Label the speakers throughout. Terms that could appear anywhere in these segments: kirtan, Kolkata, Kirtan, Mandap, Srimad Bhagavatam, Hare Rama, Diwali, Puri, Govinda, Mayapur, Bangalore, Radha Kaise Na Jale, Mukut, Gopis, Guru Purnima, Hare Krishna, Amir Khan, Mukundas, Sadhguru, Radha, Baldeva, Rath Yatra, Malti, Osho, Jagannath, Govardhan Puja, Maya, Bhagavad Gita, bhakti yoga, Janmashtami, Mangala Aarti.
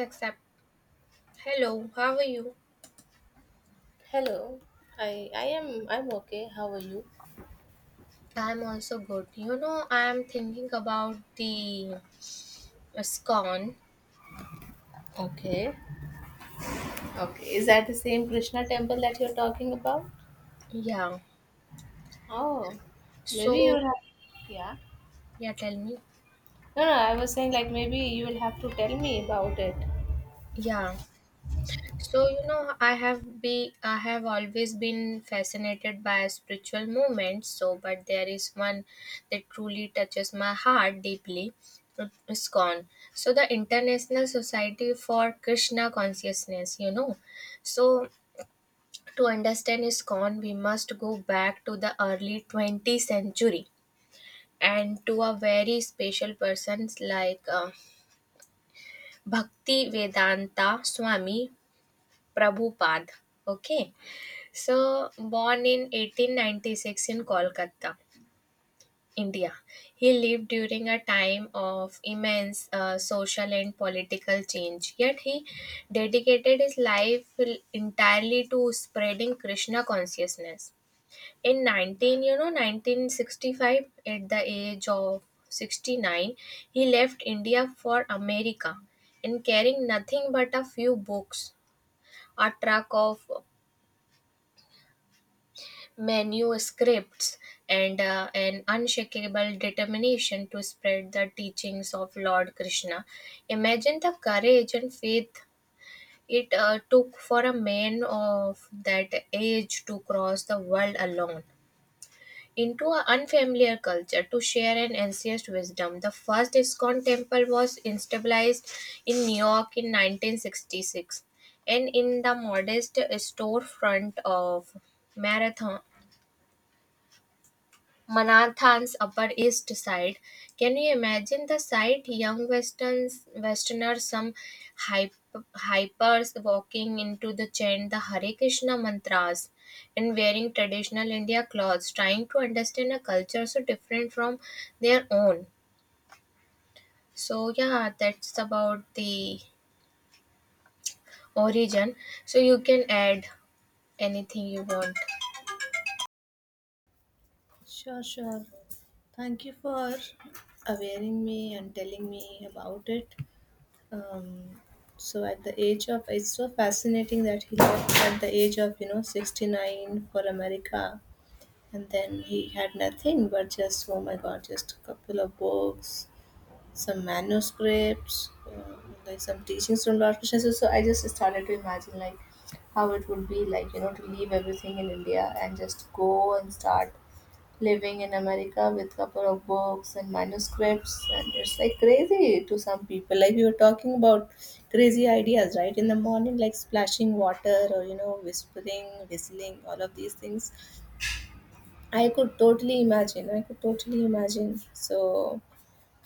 Speaker 1: Accept. Hello, how are you?
Speaker 2: Hello. I'm okay. How are you?
Speaker 1: I'm also good. You know, I'm thinking about the scone.
Speaker 2: Okay. Okay. Is that the same Krishna temple that you're talking about?
Speaker 1: Yeah.
Speaker 2: Oh, maybe
Speaker 1: So,
Speaker 2: you'll have yeah.
Speaker 1: yeah, tell me.
Speaker 2: No, no, I was saying like maybe you will have to tell me about it.
Speaker 1: Yeah. So, you know, I have always been fascinated by spiritual movements, so but there is one that truly touches my heart deeply. ISKCON. So the International Society for Krishna Consciousness, you know. So to understand ISKCON, we must go back to the early 20th century and to a very special persons like Bhakti Vedanta Swami Prabhupada. Okay, so born in 1896 in Kolkata, India. He lived during a time of immense social and political change, yet he dedicated his life entirely to spreading Krishna consciousness. In 19 you know 1965, at the age of 69, he left India for America, and carrying nothing but a few books, a truck of manuscripts, and an unshakable determination to spread the teachings of Lord Krishna. Imagine the courage and faith it took for a man of that age to cross the world alone into an unfamiliar culture to share an ancient wisdom. The first ISKCON temple was established in New York in 1966, and in the modest storefront of Marathon. Manhattan's Upper East Side. Can you imagine the sight? Westerners, hype, hypers walking into the chant the Hare Krishna mantras and wearing traditional India clothes, trying to understand a culture so different from their own. So, yeah, that's about the origin. So, you can add anything you want.
Speaker 2: Sure, sure. Thank you for awareing me and telling me about it. Um, so at the age of, it's so fascinating that he left at the age of you know 69 for America, and then he had nothing but, just oh my god, just a couple of books, some manuscripts, like some teachings from Lord Krishna. So I just started to imagine like how it would be like, you know, to leave everything in India and just go and start living in America with couple of books and manuscripts. And it's like crazy to some people. Like we were talking about crazy ideas right in the morning, like splashing water, or you know, whispering, whistling, all of these things. I could totally imagine. I could totally imagine. So,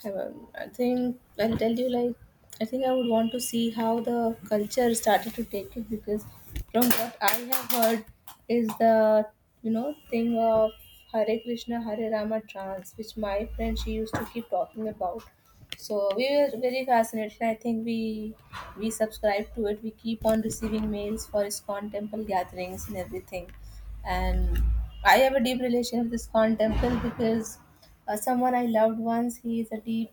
Speaker 2: I think I'll tell you, like, I think I would want to see how the culture started to take it, because from what I have heard is the, you know, thing of Hare Krishna Hare Rama trance, which my friend, she used to keep talking about. So we were very fascinated. I think we subscribe to it. We keep on receiving mails for ISKCON temple gatherings and everything. And I have a deep relation with Iskon temple, because someone I loved once, he is a deep,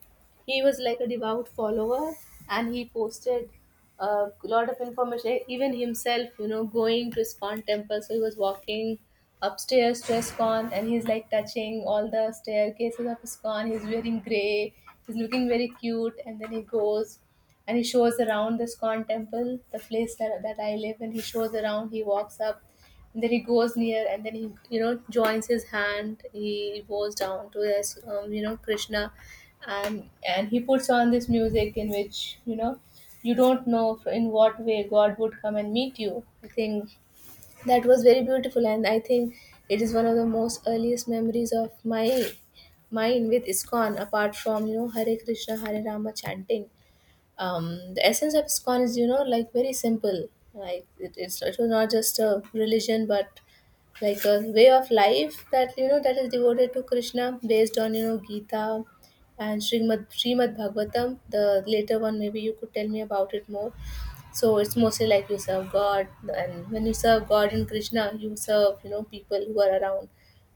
Speaker 2: he was like a devout follower, and he posted a lot of information even himself, you know, going to Iskon temple. So he was walking upstairs to Iskon, and he's like touching all the staircases of Iskon. He's wearing gray, he's looking very cute, and then he goes and he shows around this Scorn temple, the place that I live in. He shows around, he walks up, and then he goes near, and then he, you know, joins his hand. He goes down to this, you know, Krishna, and he puts on this music, in which, you know, you don't know in what way God would come and meet you. I think that was very beautiful, and I think it is one of the most earliest memories of my mind with ISKCON. Apart from, you know, Hare Krishna, Hare Rama chanting, the essence of ISKCON is, you know, like very simple. Like it was not just a religion, but like a way of life that, you know, that is devoted to Krishna, based on, you know, Gita and Srimad Bhagavatam, the later one, maybe you could tell me about it more. So it's mostly like you serve God, and when you serve God in Krishna, you serve, you know, people who are around,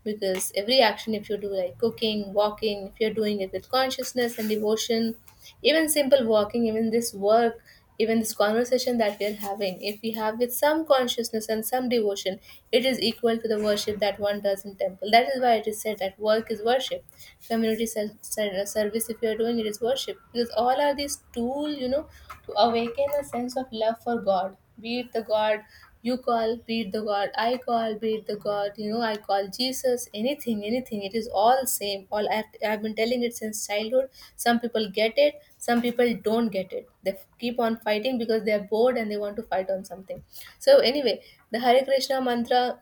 Speaker 2: because every action, if you do, like cooking, walking, if you're doing it with consciousness and devotion, even simple walking, even this work, even this conversation that we're having, if we have with some consciousness and some devotion, it is equal to the worship that one does in temple. That is why it is said that work is worship. Community service, if you're doing, it is worship, because all are these tool, you know, to awaken a sense of love for God. Be it the god you call, beat the God. I call, beat the God. You know, I call Jesus. Anything, anything. It is all same. I've been telling it since childhood. Some people get it. Some people don't get it. They keep on fighting because they are bored and they want to fight on something. So anyway, the Hare Krishna mantra,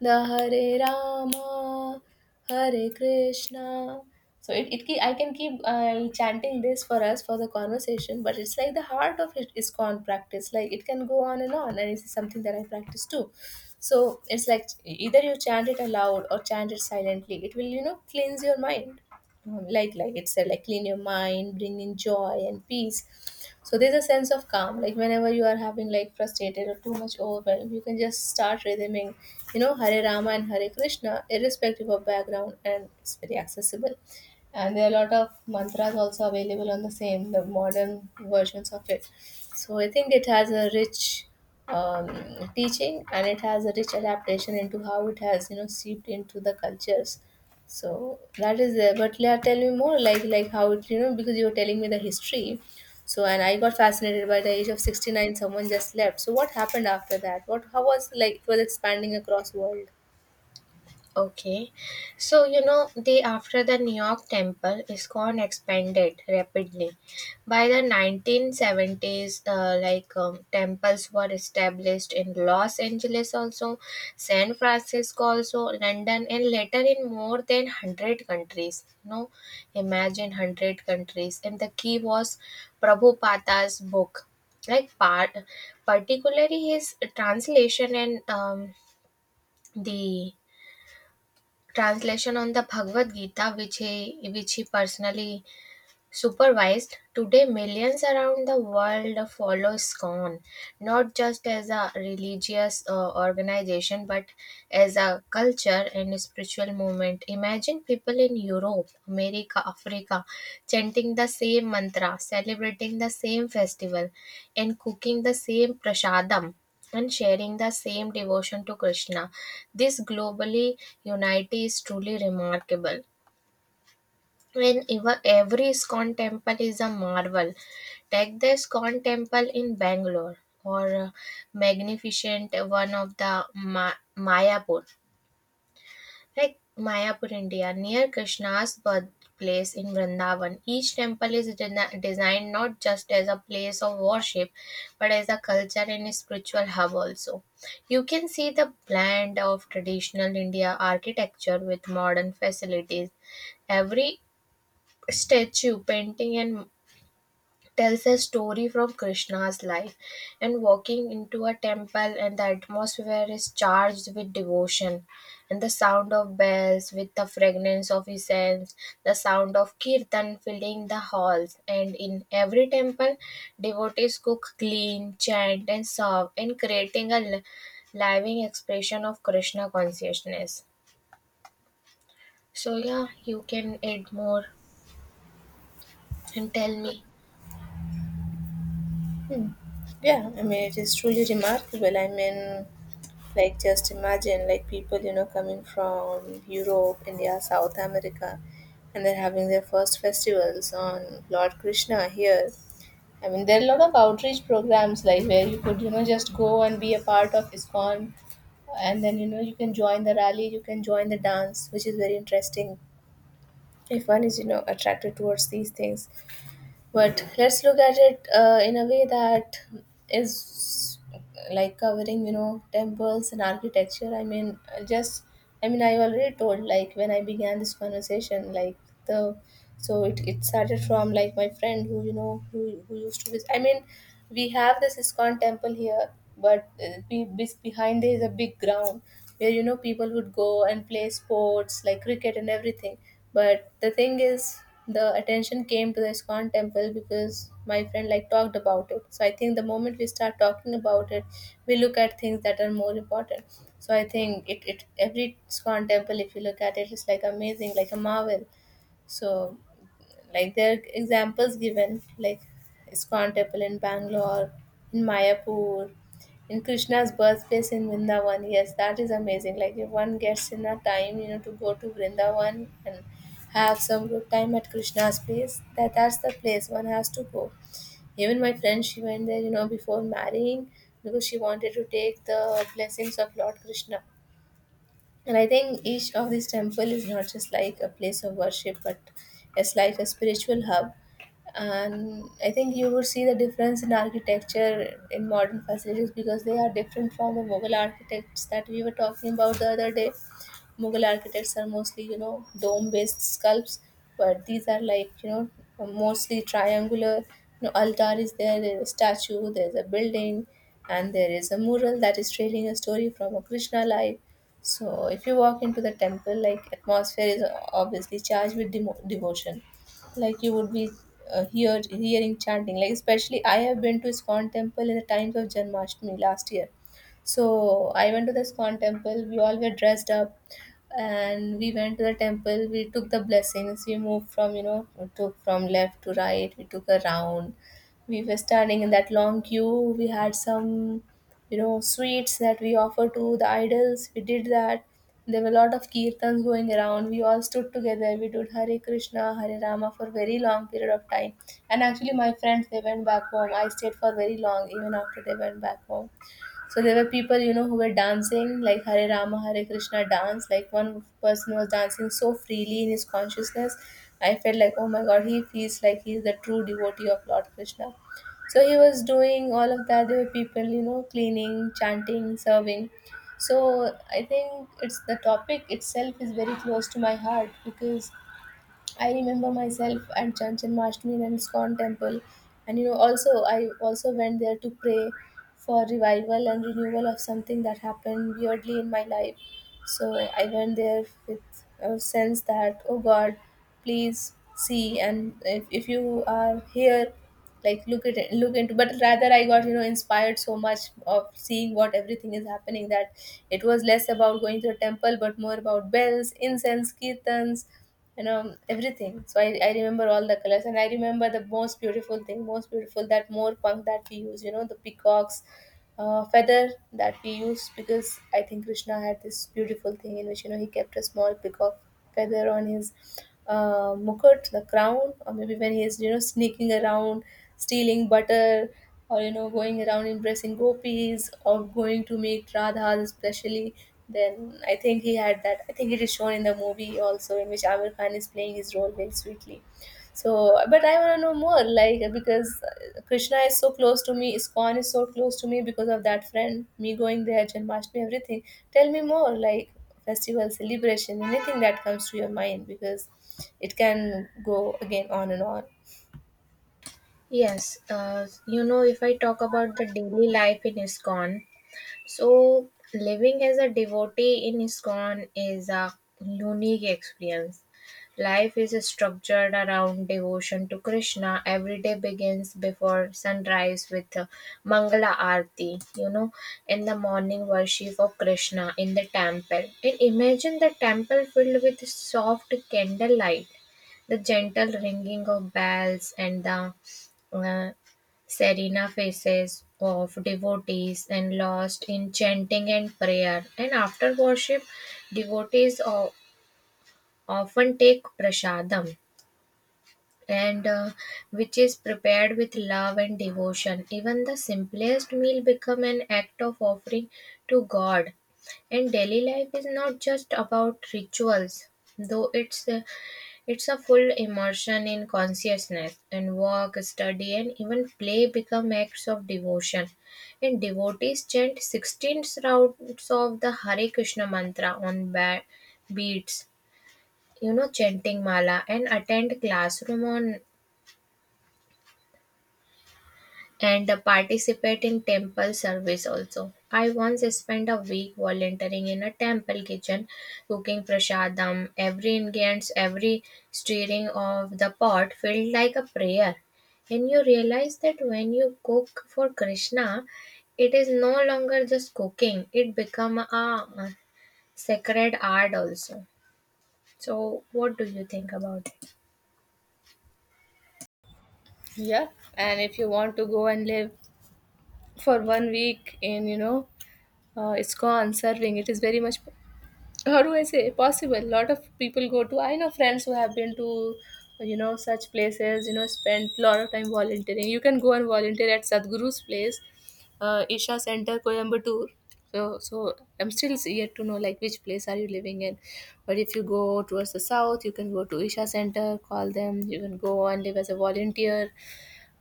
Speaker 2: the Hare Rama, Hare Krishna. So I can keep chanting this for us for the conversation, but it's like the heart of it is con practice. Like it can go on, and it's something that I practice too. So it's like either you chant it aloud or chant it silently. It will, you know, cleanse your mind. Like it said, like clean your mind, bring in joy and peace. So there's a sense of calm. Like whenever you are having like frustrated or too much overwhelm, you can just start rhythming, you know, Hare Rama and Hare Krishna, irrespective of background, and it's very accessible. And there are a lot of mantras also available on the same, the modern versions of it. So I think it has a rich teaching, and it has a rich adaptation into how it has, you know, seeped into the cultures. So that is there. But yeah, tell me more, like how it, you know, because you were telling me the history. So, and I got fascinated by the age of 69, someone just left. So, what happened after that? What, how was like it was expanding across world?
Speaker 1: Okay. So, you know, the after the New York Temple, ISKCON expanded rapidly. By the 1970s, temples were established in Los Angeles also, San Francisco also, London, and later in more than 100 countries. No, imagine 100 countries. And the key was Prabhupada's book. Like part, particularly his translation and the translation on the Bhagavad Gita, which he personally supervised. Today, millions around the world follow SCON, not just as a religious organization, but as a culture and a spiritual movement. Imagine people in Europe, America, Africa chanting the same mantra, celebrating the same festival, and cooking the same prasadam. And sharing the same devotion to Krishna. This globally unity is truly remarkable when every ISKCON temple is a marvel. Take the ISKCON temple in Bangalore or magnificent one of the Mayapur, like Mayapur, India, near Krishna's birthplace in Vrindavan. Each temple is designed not just as a place of worship, but as a culture and a spiritual hub also. You can see the blend of traditional India architecture with modern facilities. Every statue, painting and tells a story from Krishna's life. And walking into a temple, and the atmosphere is charged with devotion, and the sound of bells with the fragrance of incense, the sound of kirtan filling the halls. And in every temple, devotees cook, clean, chant and serve, and creating a living expression of Krishna consciousness. So yeah, you can add more and tell me.
Speaker 2: Yeah, I mean, it is truly remarkable. I mean, like, just imagine, like, people, you know, coming from Europe, India, South America, and they're having their first festivals on Lord Krishna here. I mean, there are a lot of outreach programs, like, where you could, you know, just go and be a part of ISKCON, and then, you know, you can join the rally, you can join the dance, which is very interesting. If one is, you know, attracted towards these things, but let's look at it in a way that is like covering, you know, temples and architecture. I mean, I mean, I already told, like, when I began this conversation, like, the, so it started from, like, my friend who, you know, who used to visit. I mean, we have this ISKCON temple here, but behind there is a big ground where, you know, people would go and play sports like cricket and everything. But the thing is, the attention came to the Iskon temple because my friend like talked about it. So I think the moment we start talking about it, we look at things that are more important. So I think it, it every Iskon temple, if you look at it, is like amazing, like a marvel. So like there are examples given, like Iskon temple in Bangalore, in Mayapur, in Krishna's birthplace in Vrindavan. Yes, that is amazing. Like if one gets in a time, you know, to go to Vrindavan and have some good time at Krishna's place, that that's the place one has to go. Even my friend, she went there, you know, before marrying, because she wanted to take the blessings of Lord Krishna. And I think each of these temple is not just like a place of worship, but it's like a spiritual hub. And I think you would see the difference in architecture, in modern facilities, because they are different from the Mughal architects that we were talking about the other day. Mughal architects are mostly, you know, dome based sculpts, but these are like, you know, mostly triangular. You know, altar is there, there's a statue, there's a building, and there is a mural that is trailing a story from a Krishna life. So if you walk into the temple, like atmosphere is obviously charged with devotion. Like you would be hearing chanting. Like especially I have been to Iskon temple in the times of Janmashtami last year. So I went to the Iskon temple. We all were dressed up, and we went to the temple. We took the blessings. We moved from, you know, we took from left to right. We took a round. We were standing in that long queue. We had some, you know, sweets that we offer to the idols. We did that. There were a lot of kirtans going around. We all stood together, we did Hare Krishna Hare Rama for very long period of time. And actually my friends, they went back home. I stayed for very long even after they went back home. So there were people, you know, who were dancing like Hare Rama, Hare Krishna dance. Like one person was dancing so freely in his consciousness. I felt like, oh my god, he feels like he's the true devotee of Lord Krishna. So he was doing all of that. There were people, you know, cleaning, chanting, serving. So I think it's the topic itself is very close to my heart, because I remember myself at Janjan Mashtami and Scon temple, and you know, also I also went there to pray for revival and renewal of something that happened weirdly in my life. So I went there with a sense that, oh God, please see, and if you are here, like look at it, look into. But rather, I got inspired so much of seeing what everything is happening, that it was less about going to a temple, but more about bells, incense, kirtans, everything. So I remember all the colors. And I remember the most beautiful thing, most beautiful, that more punk that we use, the peacock's feather, that we use. Because I think Krishna had this beautiful thing in which, he kept a small peacock feather on his mukut, the crown. Or maybe when he is, sneaking around stealing butter. Or going around impressing gopis, or going to meet Radhas especially. Then, I think he had that. I think it is shown in the movie also, in which Amir Khan is playing his role very sweetly. So, but I want to know more, like, because Krishna is so close to me, iskon is so close to me, because of that friend, me going there, Janmashtami, everything. Tell me more, like, festival, celebration, anything that comes to your mind, because it can go again on and on.
Speaker 1: Yes, you know, if I talk about the daily life in ISKCON, so, living as a devotee in ISKCON is a unique experience. Life is structured around devotion to Krishna. Every day begins before sunrise with Mangala Aarti, you know, in the morning worship of Krishna in the temple. And imagine the temple filled with soft candlelight, the gentle ringing of bells, and the uh, Serena faces of devotees and lost in chanting and prayer. And after worship, devotees often take prasadam, and which is prepared with love and devotion. Even the simplest meal become an act of offering to God. And daily life is not just about rituals, though it's it's a full immersion in consciousness, and walk, study, and even play become acts of devotion. And devotees chant 16 rounds of the Hare Krishna mantra on beats, you know, chanting mala, and attend classroom on and participate in temple service also. I once spent a week volunteering in a temple kitchen, cooking prasadam. Every ingredient, every stirring of the pot felt like a prayer. And you realize that when you cook for Krishna, it is no longer just cooking; it become a sacred art also. So, what do you think about it?
Speaker 2: Yeah. And if you want to go and live for 1 week, and it's gone serving, it is very much, how do I say, possible. A lot of people go to, I know friends who have been to, such places, spent lot of time volunteering. You can go and volunteer at Sadhguru's place, Isha Center, Coimbatore. So I'm still yet to know, like, which place are you living in. But if you go towards the south, you can go to Isha Center, call them. You can go and live as a volunteer,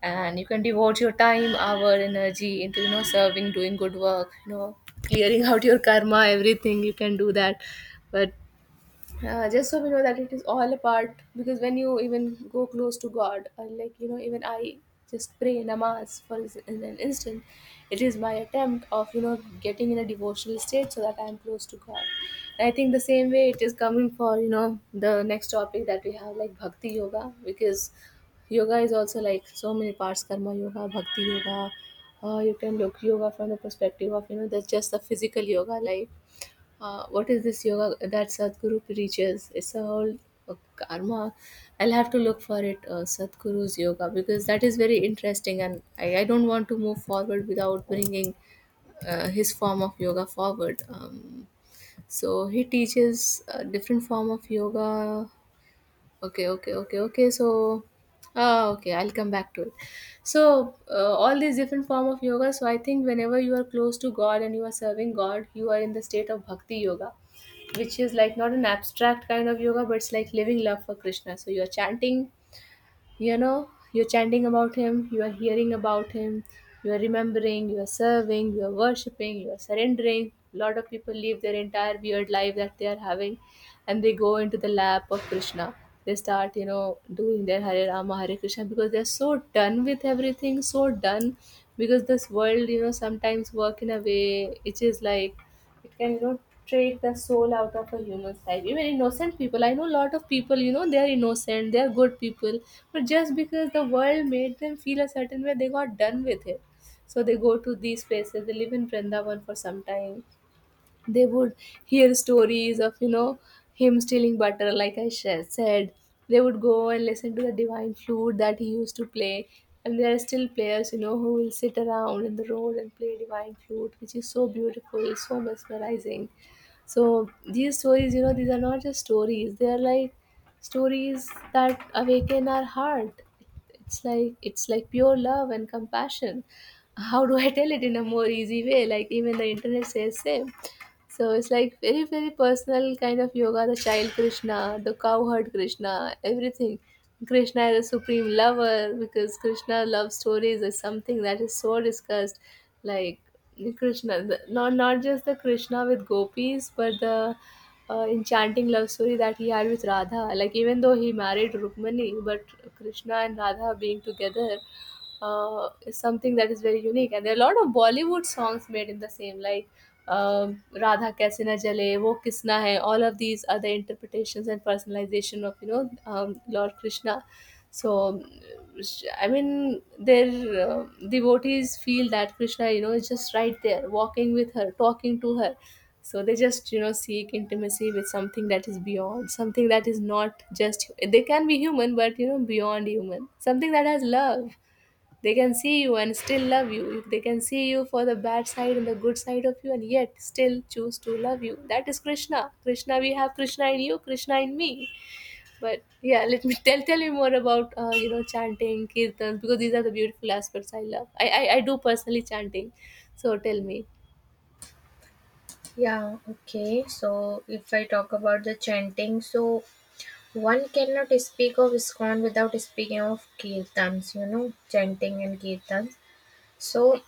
Speaker 2: and you can devote your time, our energy into, serving, doing good work, clearing out your karma, everything. You can do that. But just so we know that it is all a part. Because when you even go close to God, or like, even I just pray namaz for in an instant, it is my attempt of, getting in a devotional state, so that I am close to God. And I think the same way it is coming for, the next topic that we have, like bhakti yoga. Because yoga is also like so many parts, karma yoga, bhakti yoga. You can look yoga from the perspective of, that's just the physical yoga. Like, what is this yoga that Sadhguru preaches? It's a whole karma. I'll have to look for it, Sadhguru's yoga, because that is very interesting. And I don't want to move forward without bringing his form of yoga forward. So he teaches a different form of yoga. Okay, okay, okay, okay. So, okay, I'll come back to it. So, all these different form of yoga. So, I think whenever you are close to God and you are serving God, you are in the state of bhakti yoga, which is like not an abstract kind of yoga, but it's like living love for Krishna. So, you are chanting you know you're chanting about him, you are hearing about him, you are remembering, you are serving, you are worshiping, you are surrendering. A lot of people live their entire weird life that they are having, and they go into the lap of Krishna. They start, doing their Hare Rama, Hare Krishna, because they're so done with everything, so done. Because this world, sometimes work in a way which is like, it can, take the soul out of a human's life, even innocent people. I know a lot of people, they are innocent, they are good people. But just because the world made them feel a certain way, they got done with it. So they go to these places, they live in Vrindavan for some time. They would hear stories of, him stealing butter, like said. They would go and listen to the divine flute that he used to play. And there are still players, who will sit around in the road and play divine flute, which is so beautiful, so mesmerizing. So these stories, these are not just stories, they are like stories that awaken our heart. It's like pure love and compassion. How do I tell it in a more easy way? Like, even the internet says same. So it's like very, very personal kind of yoga. The child Krishna, the cowherd Krishna, everything. Krishna is a supreme lover, because Krishna love stories is something that is so discussed. Like Krishna, the, not not just the Krishna with gopis, but the enchanting love story that he had with Radha. Like, even though he married Rukmani, but Krishna and Radha being together is something that is very unique. And there are a lot of Bollywood songs made in the same, like Radha Kaise Na Jale, Wo Kisna Hai, all of these are the interpretations and personalization of, Lord Krishna. So, I mean, their devotees feel that Krishna, is just right there, walking with her, talking to her. So they just, seek intimacy with something that is beyond, something that is not just, they can be human, but, beyond human, something that has love. They can see you and still love you. They can see you for the bad side and the good side of you, and yet still choose to love you. That is Krishna. Krishna, we have Krishna in you, Krishna in me. But yeah, let me tell you more about chanting kirtans, because these are the beautiful aspects I love. I do personally chanting. So tell me.
Speaker 1: Yeah, okay. So, if I talk about the chanting, so one cannot speak of ISKCON without speaking of kirtans, you know, chanting and kirtans. So,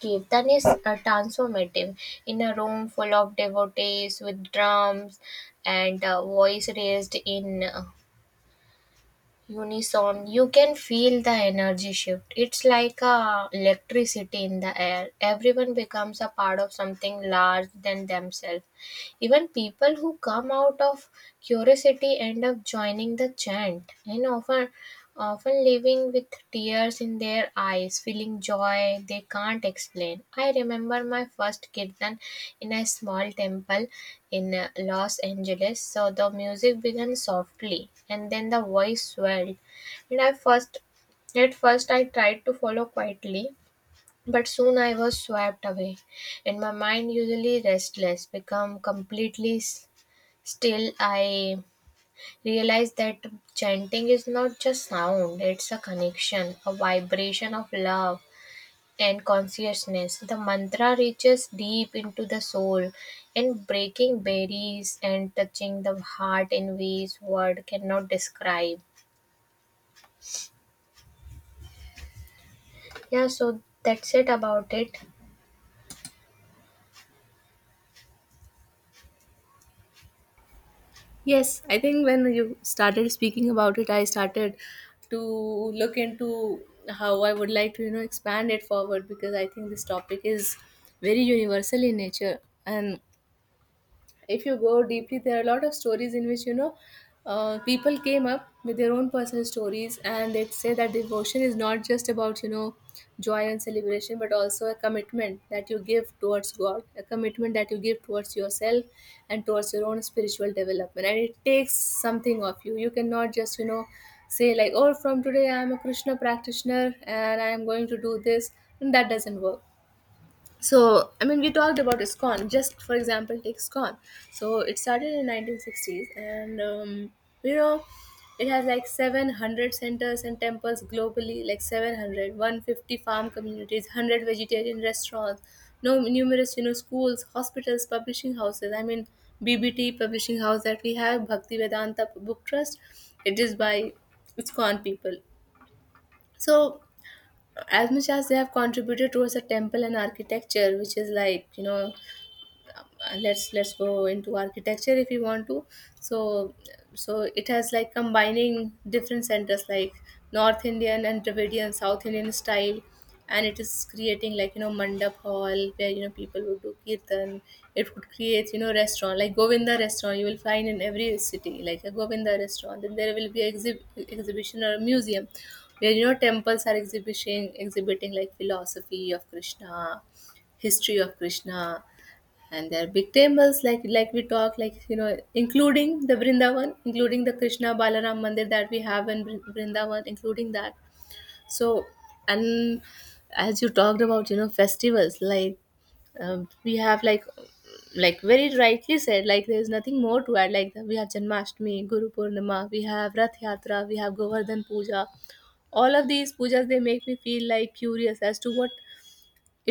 Speaker 1: kirtan is transformative. In a room full of devotees with drums and voice raised in unison, you can feel the energy shift. It's like a electricity in the air. Everyone becomes a part of something larger than themselves. Even people who come out of curiosity end up joining the chant and often leaving with tears in their eyes, feeling joy they can't explain. I remember my first kirtan in a small temple in Los Angeles. So the music began softly and then the voice swelled. And I first At first I tried to follow quietly, but soon I was swept away, and my mind, usually restless, became completely still. I realized that chanting is not just sound, it's a connection, a vibration of love and consciousness. The mantra reaches deep into the soul and breaking barriers and touching the heart in ways word cannot describe. Yeah, so that's it about it.
Speaker 2: Yes, I think when you started speaking about it, I started to look into how I would like to, expand it forward. Because I think this topic is very universal in nature. And if you go deeply, there are a lot of stories in which, people came up with their own personal stories. And they say that devotion is not just about, joy and celebration, but also a commitment that you give towards God, a commitment that you give towards yourself and towards your own spiritual development. And it takes something of you. You cannot just, say like, oh, from today I am a Krishna practitioner and I am going to do this. And that doesn't work. So I mean, we talked about iscon just for example, take iscon so it started in 1960s, and you know it has like 700 centers and temples globally, like 700, 150 farm communities, 100 vegetarian restaurants, no, numerous, schools, hospitals, publishing houses. I mean, BBT publishing house that we have, Bhakti Vedanta Book Trust, it is by iscon people. So, as much as they have contributed towards the temple and architecture, which is like, let's go into architecture if you want to. So so it has like, combining different centers, like North Indian and Dravidian South Indian style. And it is creating, like, mandap hall where, people would do kirtan. It would create, restaurant, like Govinda restaurant, you will find in every city, like a Govinda restaurant. Then there will be exhibition or a museum, where, temples are exhibiting like philosophy of Krishna, history of Krishna. And there are big temples, like we talk, like, including the Vrindavan, including the Krishna Balaram Mandir that we have in Vrindavan, including that. So, and as you talked about, festivals, like, we have like very rightly said, like, there's nothing more to add. Like, we have Janmashtami, Guru Purnima, we have Rath Yatra, we have Govardhan Puja. All of these pujas, they make me feel like curious as to what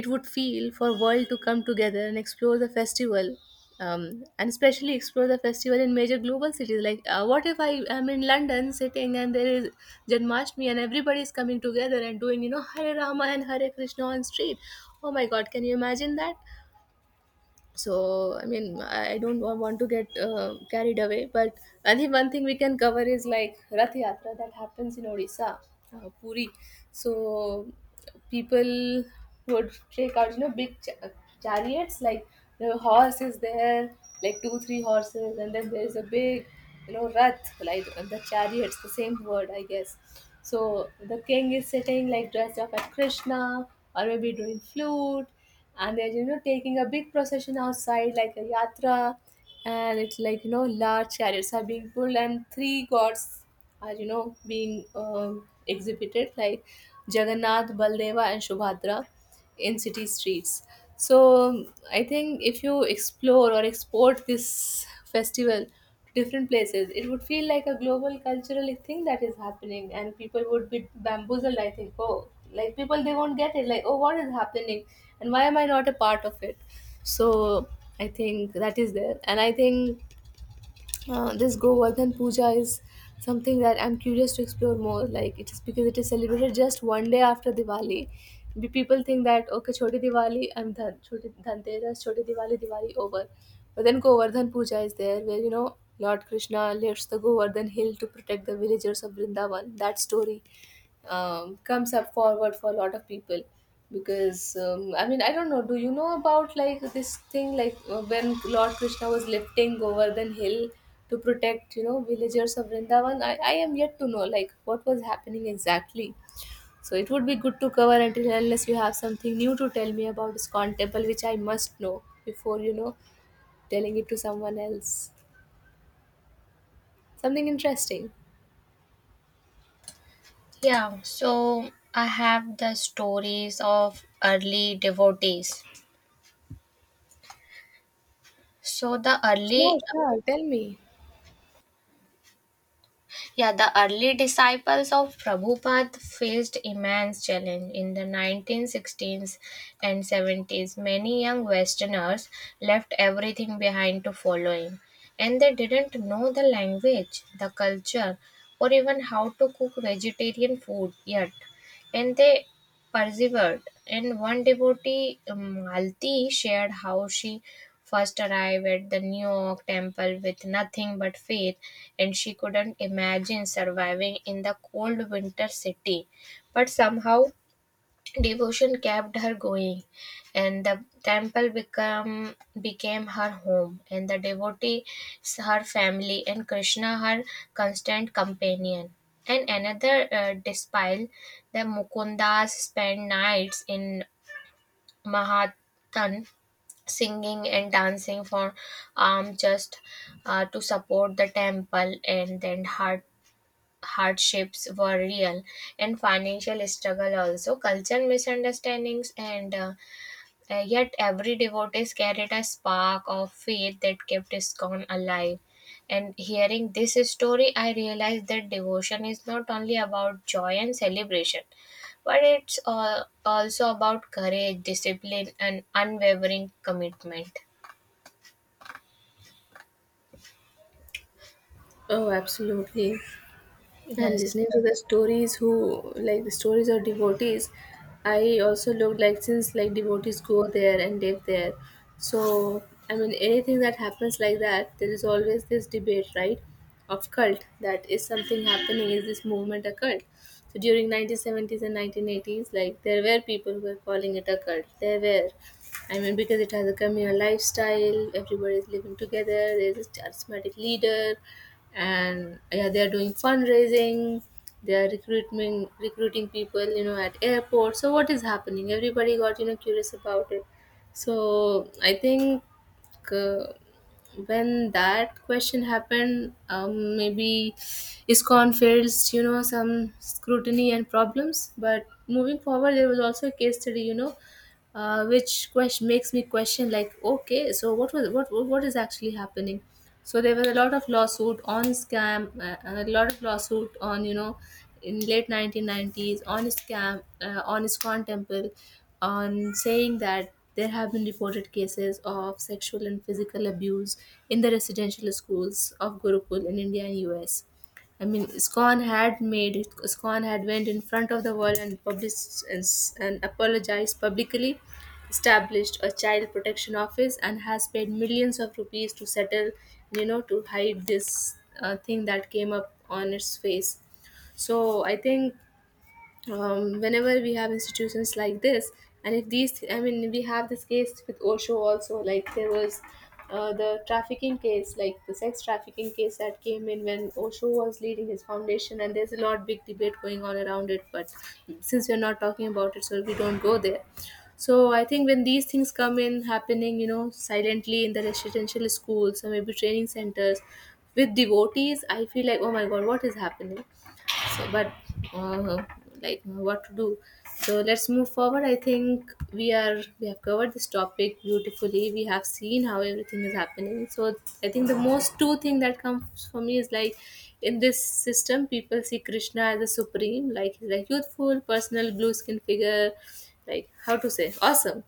Speaker 2: it would feel for world to come together and explore the festival. And especially explore the festival in major global cities. Like, what if I am in London sitting, and there is Janmashtami, and everybody is coming together and doing, Hare Rama and Hare Krishna on street. Oh my God, can you imagine that? So I mean, I don't want to get carried away. But I think one thing we can cover is like Rath Yatra that happens in Odisha, Puri. So people would take out, big chariots, like the horse is there, like two three horses. And then there is a big, rath, like the chariots, the same word, I guess. So the king is sitting, like dressed up as Krishna, or maybe doing flute. And they're, taking a big procession outside, like a yatra. And it's like, large chariots are being pulled and three gods are being exhibited like Jagannath, Baldeva and Shubhadra in city streets. So I think if you explore or export this festival to different places, it would feel like a global cultural thing that is happening, and people would be bamboozled. I think, oh, like people they won't get it. Like, oh, what is happening, and why am I not a part of it? So I think that is there, and I think this Govardhan Puja is something that I'm curious to explore more. Like it is, because it is celebrated just 1 day after Diwali. People think that okay, Choti Diwali, I'm done. Choti Dhanteras, Choti Diwali, Diwali over. But then Govardhan Puja is there, where Lord Krishna lifts the Govardhan hill to protect the villagers of Vrindavan. That story comes up forward for a lot of people because I mean, I don't know, do you know about like this thing, like when Lord Krishna was lifting Govardhan hill to protect villagers of Vrindavan. I am yet to know like what was happening exactly. So it would be good to cover, until unless you have something new to tell me about iskon temple, which I must know before telling it to someone else, something interesting.
Speaker 1: Yeah, so I have the stories of early devotees. So the
Speaker 2: Sure,
Speaker 1: early
Speaker 2: sure, tell me.
Speaker 1: yeah, the early disciples of Prabhupada faced immense challenge in the 1960s and 70s. Many young westerners left everything behind to follow him, and they didn't know the language, the culture, or even how to cook vegetarian food yet, and they persevered. And one devotee, Malti, shared how she first arrived at the New York temple with nothing but faith, and she couldn't imagine surviving in the cold winter city. But somehow devotion kept her going, and became her home, and the devotees her family, and Krishna her constant companion. And another despile, the Mukundas spent nights in Mahatan singing and dancing for just to support the temple. And then her hardships were real, and financial struggle also, cultural misunderstandings, and yet every devotee carried a spark of faith that kept iskon alive. And hearing this story, I realized that devotion is not only about joy and celebration, but it's also about courage, discipline and unwavering commitment.
Speaker 2: Oh, absolutely. And
Speaker 1: Yes.
Speaker 2: listening to the stories who, like the stories of devotees, I also looked, like since like devotees go there and live there. So I mean, anything that happens like that, there is always this debate, right, of cult, that is something happening, is this movement a cult? So during 1970s and 1980s, like there were people who were calling it a cult. There were, I mean, because it has a communal lifestyle, everybody is living together, there's a charismatic leader, and yeah, they are doing fundraising, they are recruitment recruiting people at airports, so what is happening? Everybody got curious about it. So I think uh, when that question happened, maybe iscon faced some scrutiny and problems, but moving forward there was also a case study, which question makes me question, like okay, so what was, what is actually happening? So there was a lot of lawsuit on scam, a lot of lawsuit on in late 1990s on scam, on iskon temple, on saying that there have been reported cases of sexual and physical abuse in the residential schools of Gurukul in India and US. I mean, SCON had made it. SCON had went in front of the world and published and, and apologized publicly, established a child protection office, and has paid millions of rupees to settle, to hide this thing that came up on its face. So I think whenever we have institutions like this, and if these, I mean we have this case with Osho also, like there was the trafficking case, like the sex trafficking case that came in when Osho was leading his foundation, and there's a lot big debate going on around it, but since we're not talking about it, so we don't go there. So I think when these things come in, happening silently in the residential schools or maybe training centers with devotees, I feel like oh my god, what is happening? So but uh, like what to do? So let's move forward. I think we have covered this topic beautifully, we have seen how everything is happening. So I think the most two thing that comes for me is like, in this system people see Krishna as the supreme, like he's like youthful personal blue skin figure, like how to say, awesome.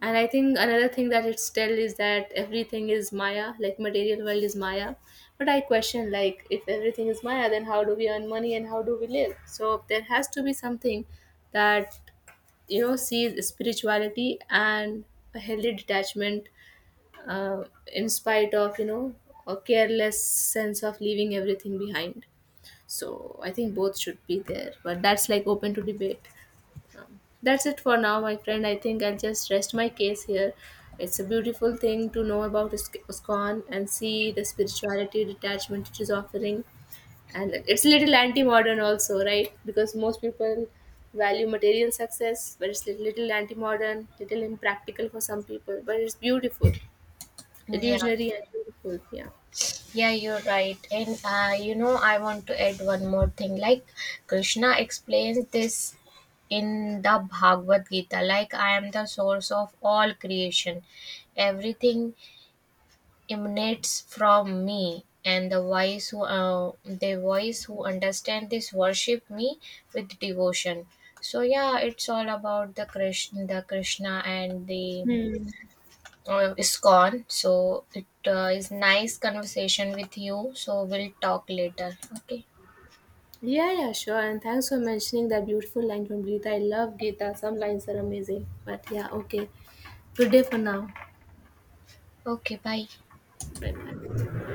Speaker 2: And I think another thing that it's tell is that everything is Maya, like material world is Maya. But I question, like if everything is Maya, then how do we earn money and how do we live? So there has to be something that sees spirituality and a healthy detachment, in spite of a careless sense of leaving everything behind. So I think both should be there, but that's like open to debate. That's it for now, my friend. I think I'll just rest my case here. It's a beautiful thing to know about ISKCON and see the spirituality detachment it is offering. And it's a little anti modern, also, right? Because most people value material success, but it's a little anti modern, little impractical for some people. But it's beautiful,
Speaker 1: Yeah.
Speaker 2: illusionary, and beautiful. Yeah.
Speaker 1: Yeah, you're right. And you know, I want to add one more thing. Like Krishna explains this in the Bhagavad Gita, like I am the source of all creation. Everything emanates from me. And the wise who understand this worship me with devotion. So yeah, it's all about the Krishna and the
Speaker 2: Hmm.
Speaker 1: is gone. So it is nice conversation with you. So we'll talk later. Okay.
Speaker 2: Yeah, yeah, sure. And thanks for mentioning that beautiful line from Gita. I love Gita. Some lines are amazing. But yeah, okay. Good day for now.
Speaker 1: Okay. Bye.
Speaker 2: Bye bye.